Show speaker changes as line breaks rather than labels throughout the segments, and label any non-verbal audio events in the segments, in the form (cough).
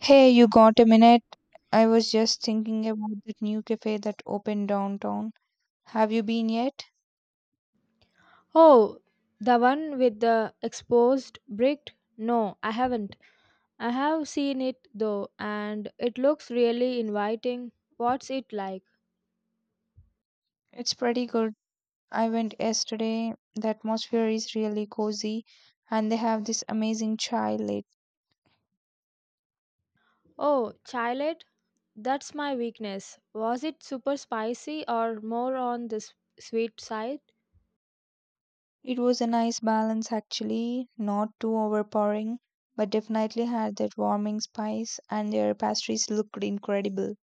Hey, you got a minute? I was just thinking about that new cafe that opened downtown. Have you been yet?
Oh, the one with the exposed brick? No, I haven't. I have seen it though, and it looks really inviting. What's it like?
It's pretty good. I went yesterday. The atmosphere is really cozy, and they have this amazing chai late.
Oh, chilet? That's my weakness. Was it super spicy or more on the sweet side?
It was a nice balance, actually, not too overpowering, but definitely had that warming spice, and their pastries looked incredible.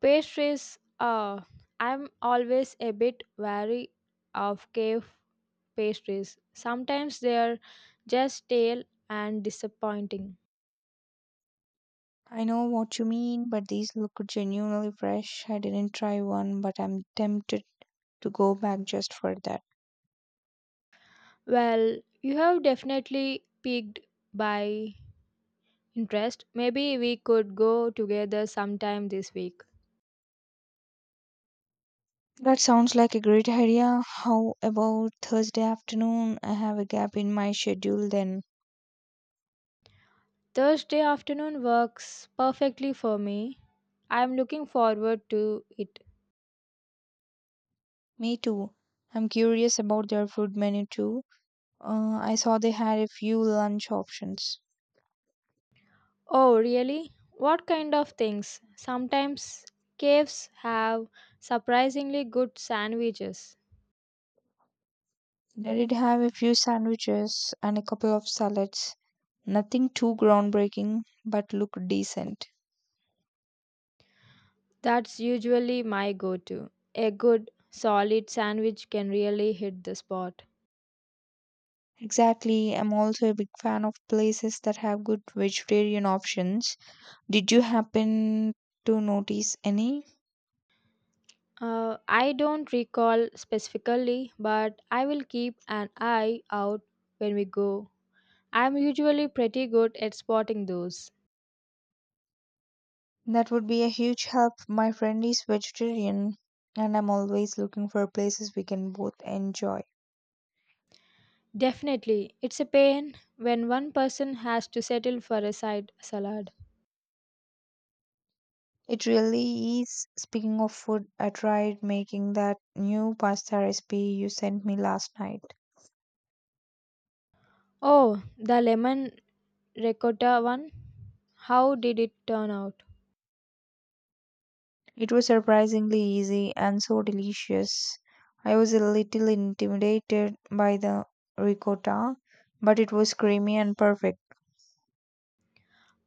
Pastries, I'm always a bit wary of cave pastries. Sometimes they're just stale and disappointing.
I know what you mean, but these look genuinely fresh. I didn't try one, but I'm tempted to go back just for that.
Well, you have definitely piqued by interest. Maybe we could go together sometime this week.
That sounds like a great idea. How about Thursday afternoon? I have a gap in my schedule then.
Thursday afternoon works perfectly for me. I am looking forward to it.
Me too. I'm curious about their food menu too. I saw they had a few lunch options.
Oh, really? What kind of things? Sometimes caves have surprisingly good sandwiches.
They did have a few sandwiches and a couple of salads. Nothing too groundbreaking, but looked decent.
That's usually my go to. A good, solid sandwich can really hit the spot.
Exactly. I'm also a big fan of places that have good vegetarian options. Did you happen to notice any?
I don't recall specifically, but I will keep an eye out when we go. I'm usually pretty good at spotting those.
That would be a huge help. My friend is vegetarian, and I'm always looking for places we can both enjoy.
Definitely, it's a pain when one person has to settle for a side salad.
It really is. Speaking of food, I tried making that new pasta recipe you sent me last night.
Oh, the lemon ricotta one? How did it turn out?
It was surprisingly easy and so delicious. I was a little intimidated by the ricotta, but it was creamy and perfect.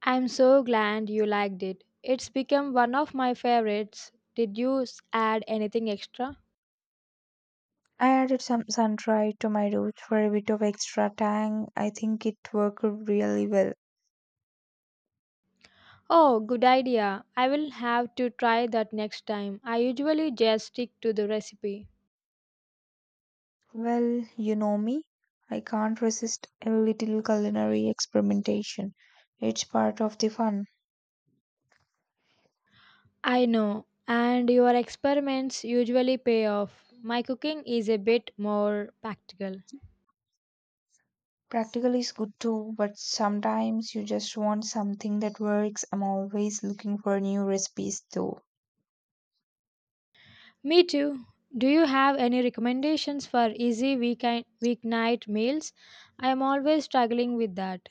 I'm so glad you liked it. It's become one of my favorites. Did you add anything extra?
I added some sunshine to my roast for a bit of extra tang. I think it worked really well.
Oh, good idea. I will have to try that next time. I usually just stick to the recipe.
Well, you know me. I can't resist a little culinary experimentation. It's part of the fun.
I know, and your experiments usually pay off. My cooking is a bit more practical.
Practical is good too, but sometimes you just want something that works. I'm always looking for new recipes though.
Me too. Do you have any recommendations for easy weekend weeknight meals? I am always struggling with that.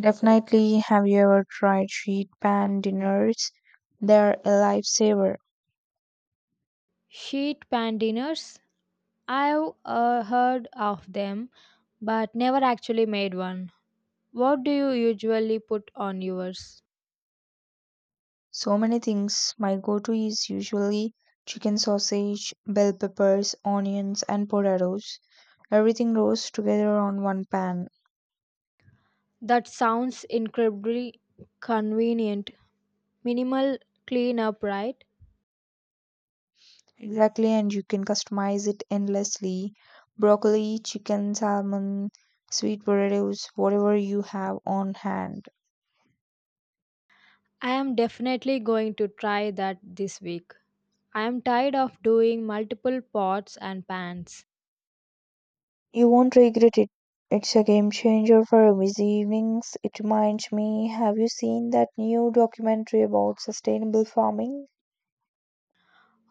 Definitely, have you ever tried sheet pan dinners? They're a lifesaver.
Sheet pan dinners. I've heard of them, but never actually made one. What do you usually put on yours?
So many things. My go to is usually chicken sausage, bell peppers, onions, and potatoes. Everything rolls together on one pan.
That sounds incredibly convenient. Minimal cleanup, right?
Exactly, and you can customize it endlessly. Broccoli, chicken, salmon, sweet potatoes, whatever you have on hand.
I am definitely going to try that this week. I am tired of doing multiple pots and pans.
You won't regret it. It's a game changer for busy evenings. It reminds me, have you seen that new documentary about sustainable farming?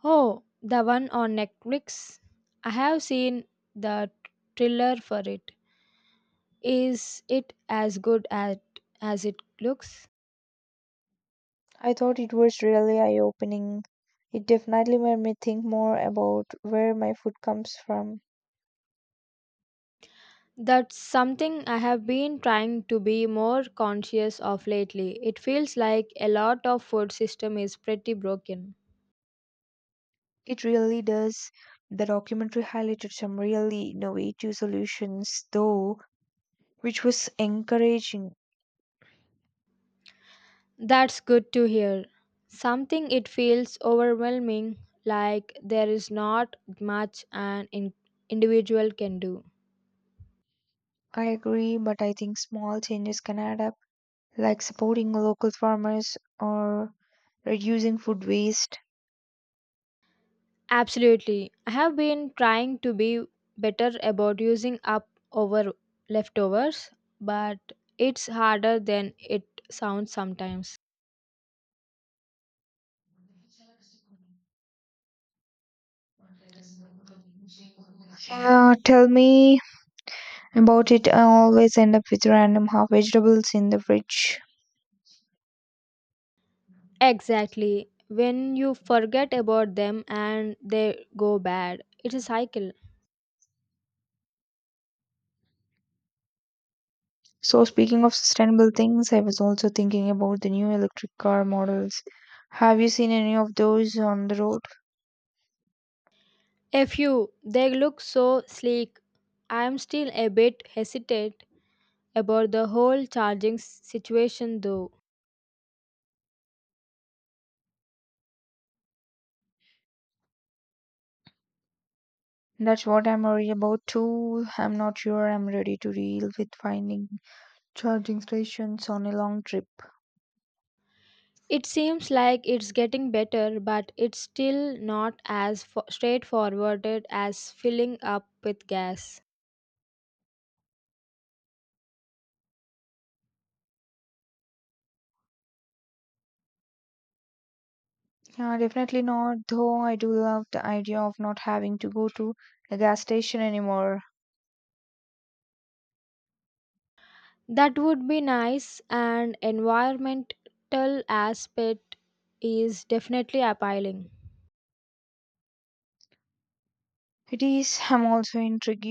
Oh, the one on Netflix? I have seen the trailer for it. Is it as as it looks?
I thought it was really eye opening. It definitely made me think more about where my food comes from.
That's something I have been trying to be more conscious of lately. It feels like a lot of food system is pretty broken.
It really does. The documentary highlighted some really innovative solutions, though, which was encouraging.
That's good to hear. Something it feels overwhelming like there is not much an individual can do.
I agree, but I think small changes can add up, like supporting local farmers or reducing food waste.
Absolutely. I have been trying to be better about using up over leftovers, but it's harder than it sounds sometimes.
Yeah, tell me about it. I always end up with random half vegetables in the fridge.
Exactly. When you forget about them and they go bad, it's a cycle.
So, speaking of sustainable things, I was also thinking about the new electric car models. Have you seen any of those on the road?
A few, they look so sleek. I am still a bit hesitant about the whole charging situation though.
That's what I'm worried about too. I'm not sure I'm ready to deal with finding charging stations on a long trip.
It seems like it's getting better, but it's still not as straightforward as filling up with gas.
Yeah, definitely not, though I do love the idea of not having to go to a gas station anymore.
That would be nice, and environmental aspect is definitely appealing.
It is, I'm also intrigued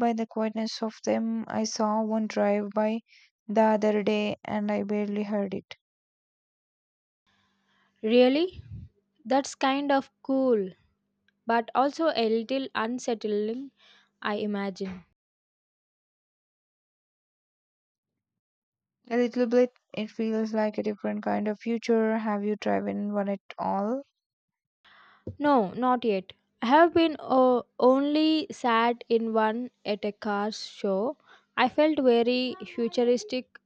by the quietness of them. I saw one drive by the other day and I barely heard it.
Really? That's kind of cool, but also a little unsettling, I imagine.
A little bit, it feels like a different kind of future. Have you driven one at all?
No, not yet. I have been only sat in one at a car show. I felt very futuristic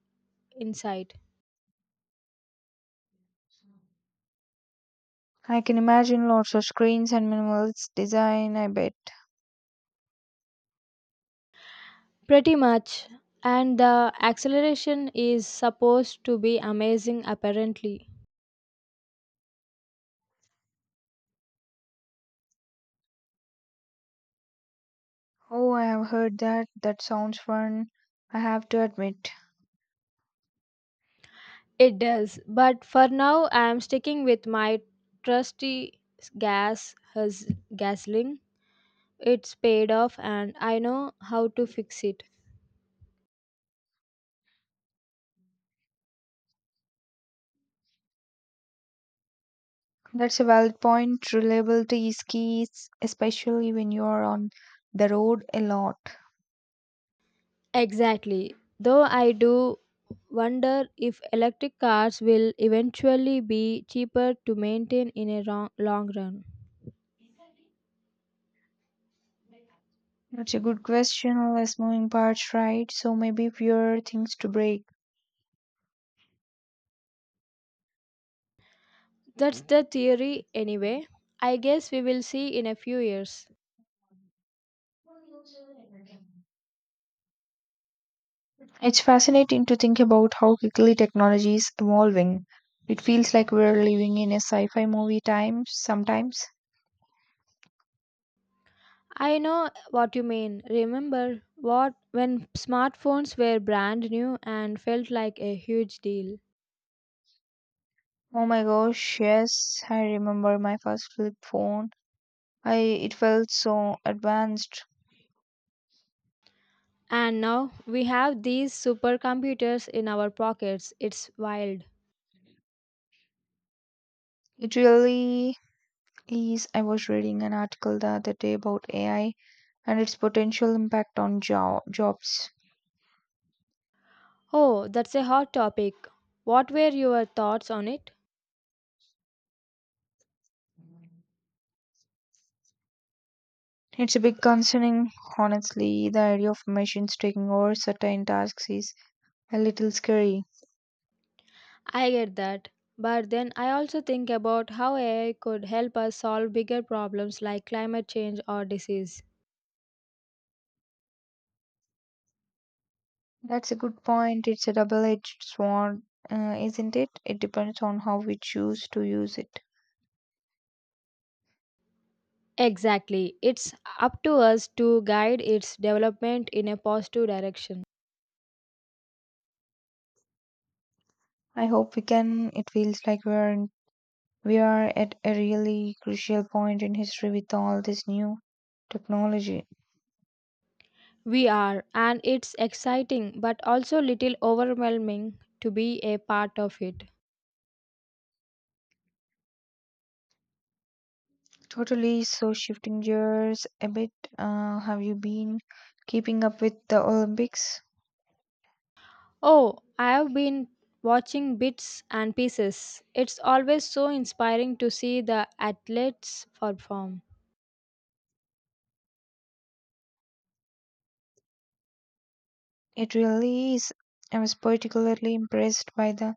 inside.
I can imagine lots of screens and minimalist design, I bet.
Pretty much. And the acceleration is supposed to be amazing, apparently.
Oh, I have heard that. That sounds fun. I have to admit.
It does, but for now I am sticking with my trusty gasoline. It's paid off and I know how to fix it.
That's a valid point. Reliability is key, especially when you are on the road a lot.
Exactly. Though I do wonder if electric cars will eventually be cheaper to maintain in a long run.
That's a good question. Less moving parts, right? So maybe fewer things to break.
That's the theory anyway. I guess we will see in a few years.
It's fascinating to think about how quickly technology is evolving. It feels like we're living in a sci fi movie time sometimes.
I know what you mean. Remember what when smartphones were brand new and felt like a huge deal.
Oh my gosh, yes, I remember my first flip phone. I it felt so advanced.
And now we have these supercomputers in our pockets. It's wild.
It really is. I was reading an article the other day about AI and its potential impact on jobs.
Oh, that's a hot topic. What were your thoughts on it?
It's a big concerning, honestly. The idea of machines taking over certain tasks is a little scary.
I get that. But then I also think about how AI could help us solve bigger problems like climate change or disease.
That's a good point. It's a double-edged sword, isn't it? It depends on how we choose to use it.
Exactly. It's up to us to guide its development in a positive direction.
I hope we can. It feels like We are at a really crucial point in history with all this new technology.
We are, and it's exciting but also little overwhelming to be a part of it.
Totally. So, shifting gears a bit, have you been keeping up with the Olympics?
Oh, I've been watching bits and pieces. It's always so inspiring to see the athletes perform.
It really is. I was particularly impressed by the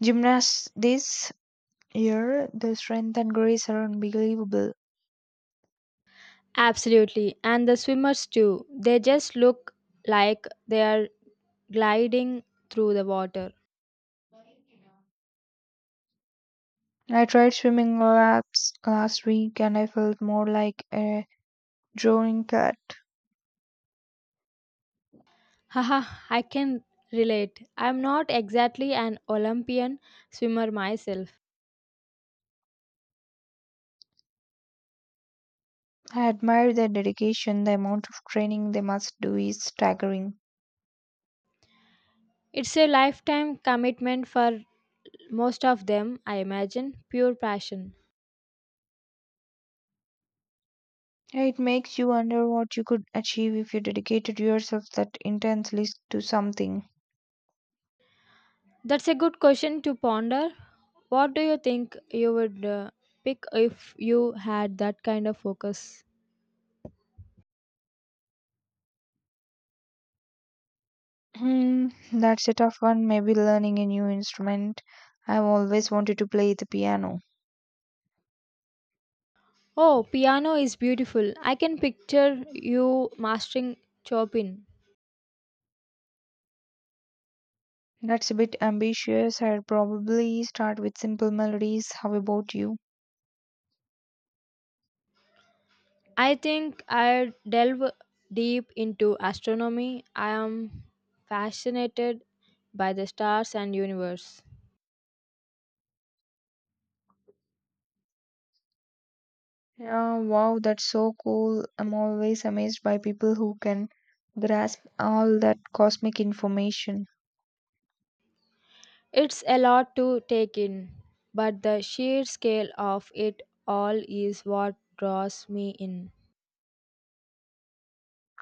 gymnasts this year. The strength and grace are unbelievable.
Absolutely, and the swimmers too. They just look like they are gliding through the water.
I tried swimming laps last week and I felt more like a drowning cat.
(laughs) Haha, I can relate. I'm not exactly an Olympian swimmer myself.
I admire their dedication. The amount of training they must do is staggering.
It's a lifetime commitment for most of them, I imagine. Pure passion.
It makes you wonder what you could achieve if you dedicated yourself that intensely to something.
That's a good question to ponder. What do you think you would pick if you had that kind of focus?
Hmm, that's a tough one. Maybe learning a new instrument. I've always wanted to play the piano.
Oh, piano is beautiful. I can picture you mastering Chopin.
That's a bit ambitious. I'd probably start with simple melodies. How about you?
I think I'd delve deep into astronomy. I am fascinated by the stars and universe.
Yeah, wow, that's so cool. I'm always amazed by people who can grasp all that cosmic information.
It's a lot to take in, but the sheer scale of it all is what draws me in.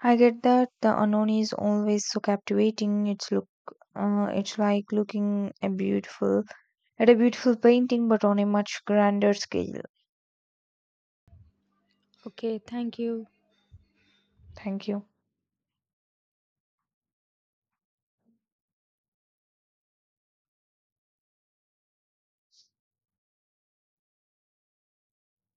I get that the unknown is always so captivating. It's look, it's like looking a beautiful at a beautiful painting, but on a much grander scale.
Okay, thank you.
Thank you.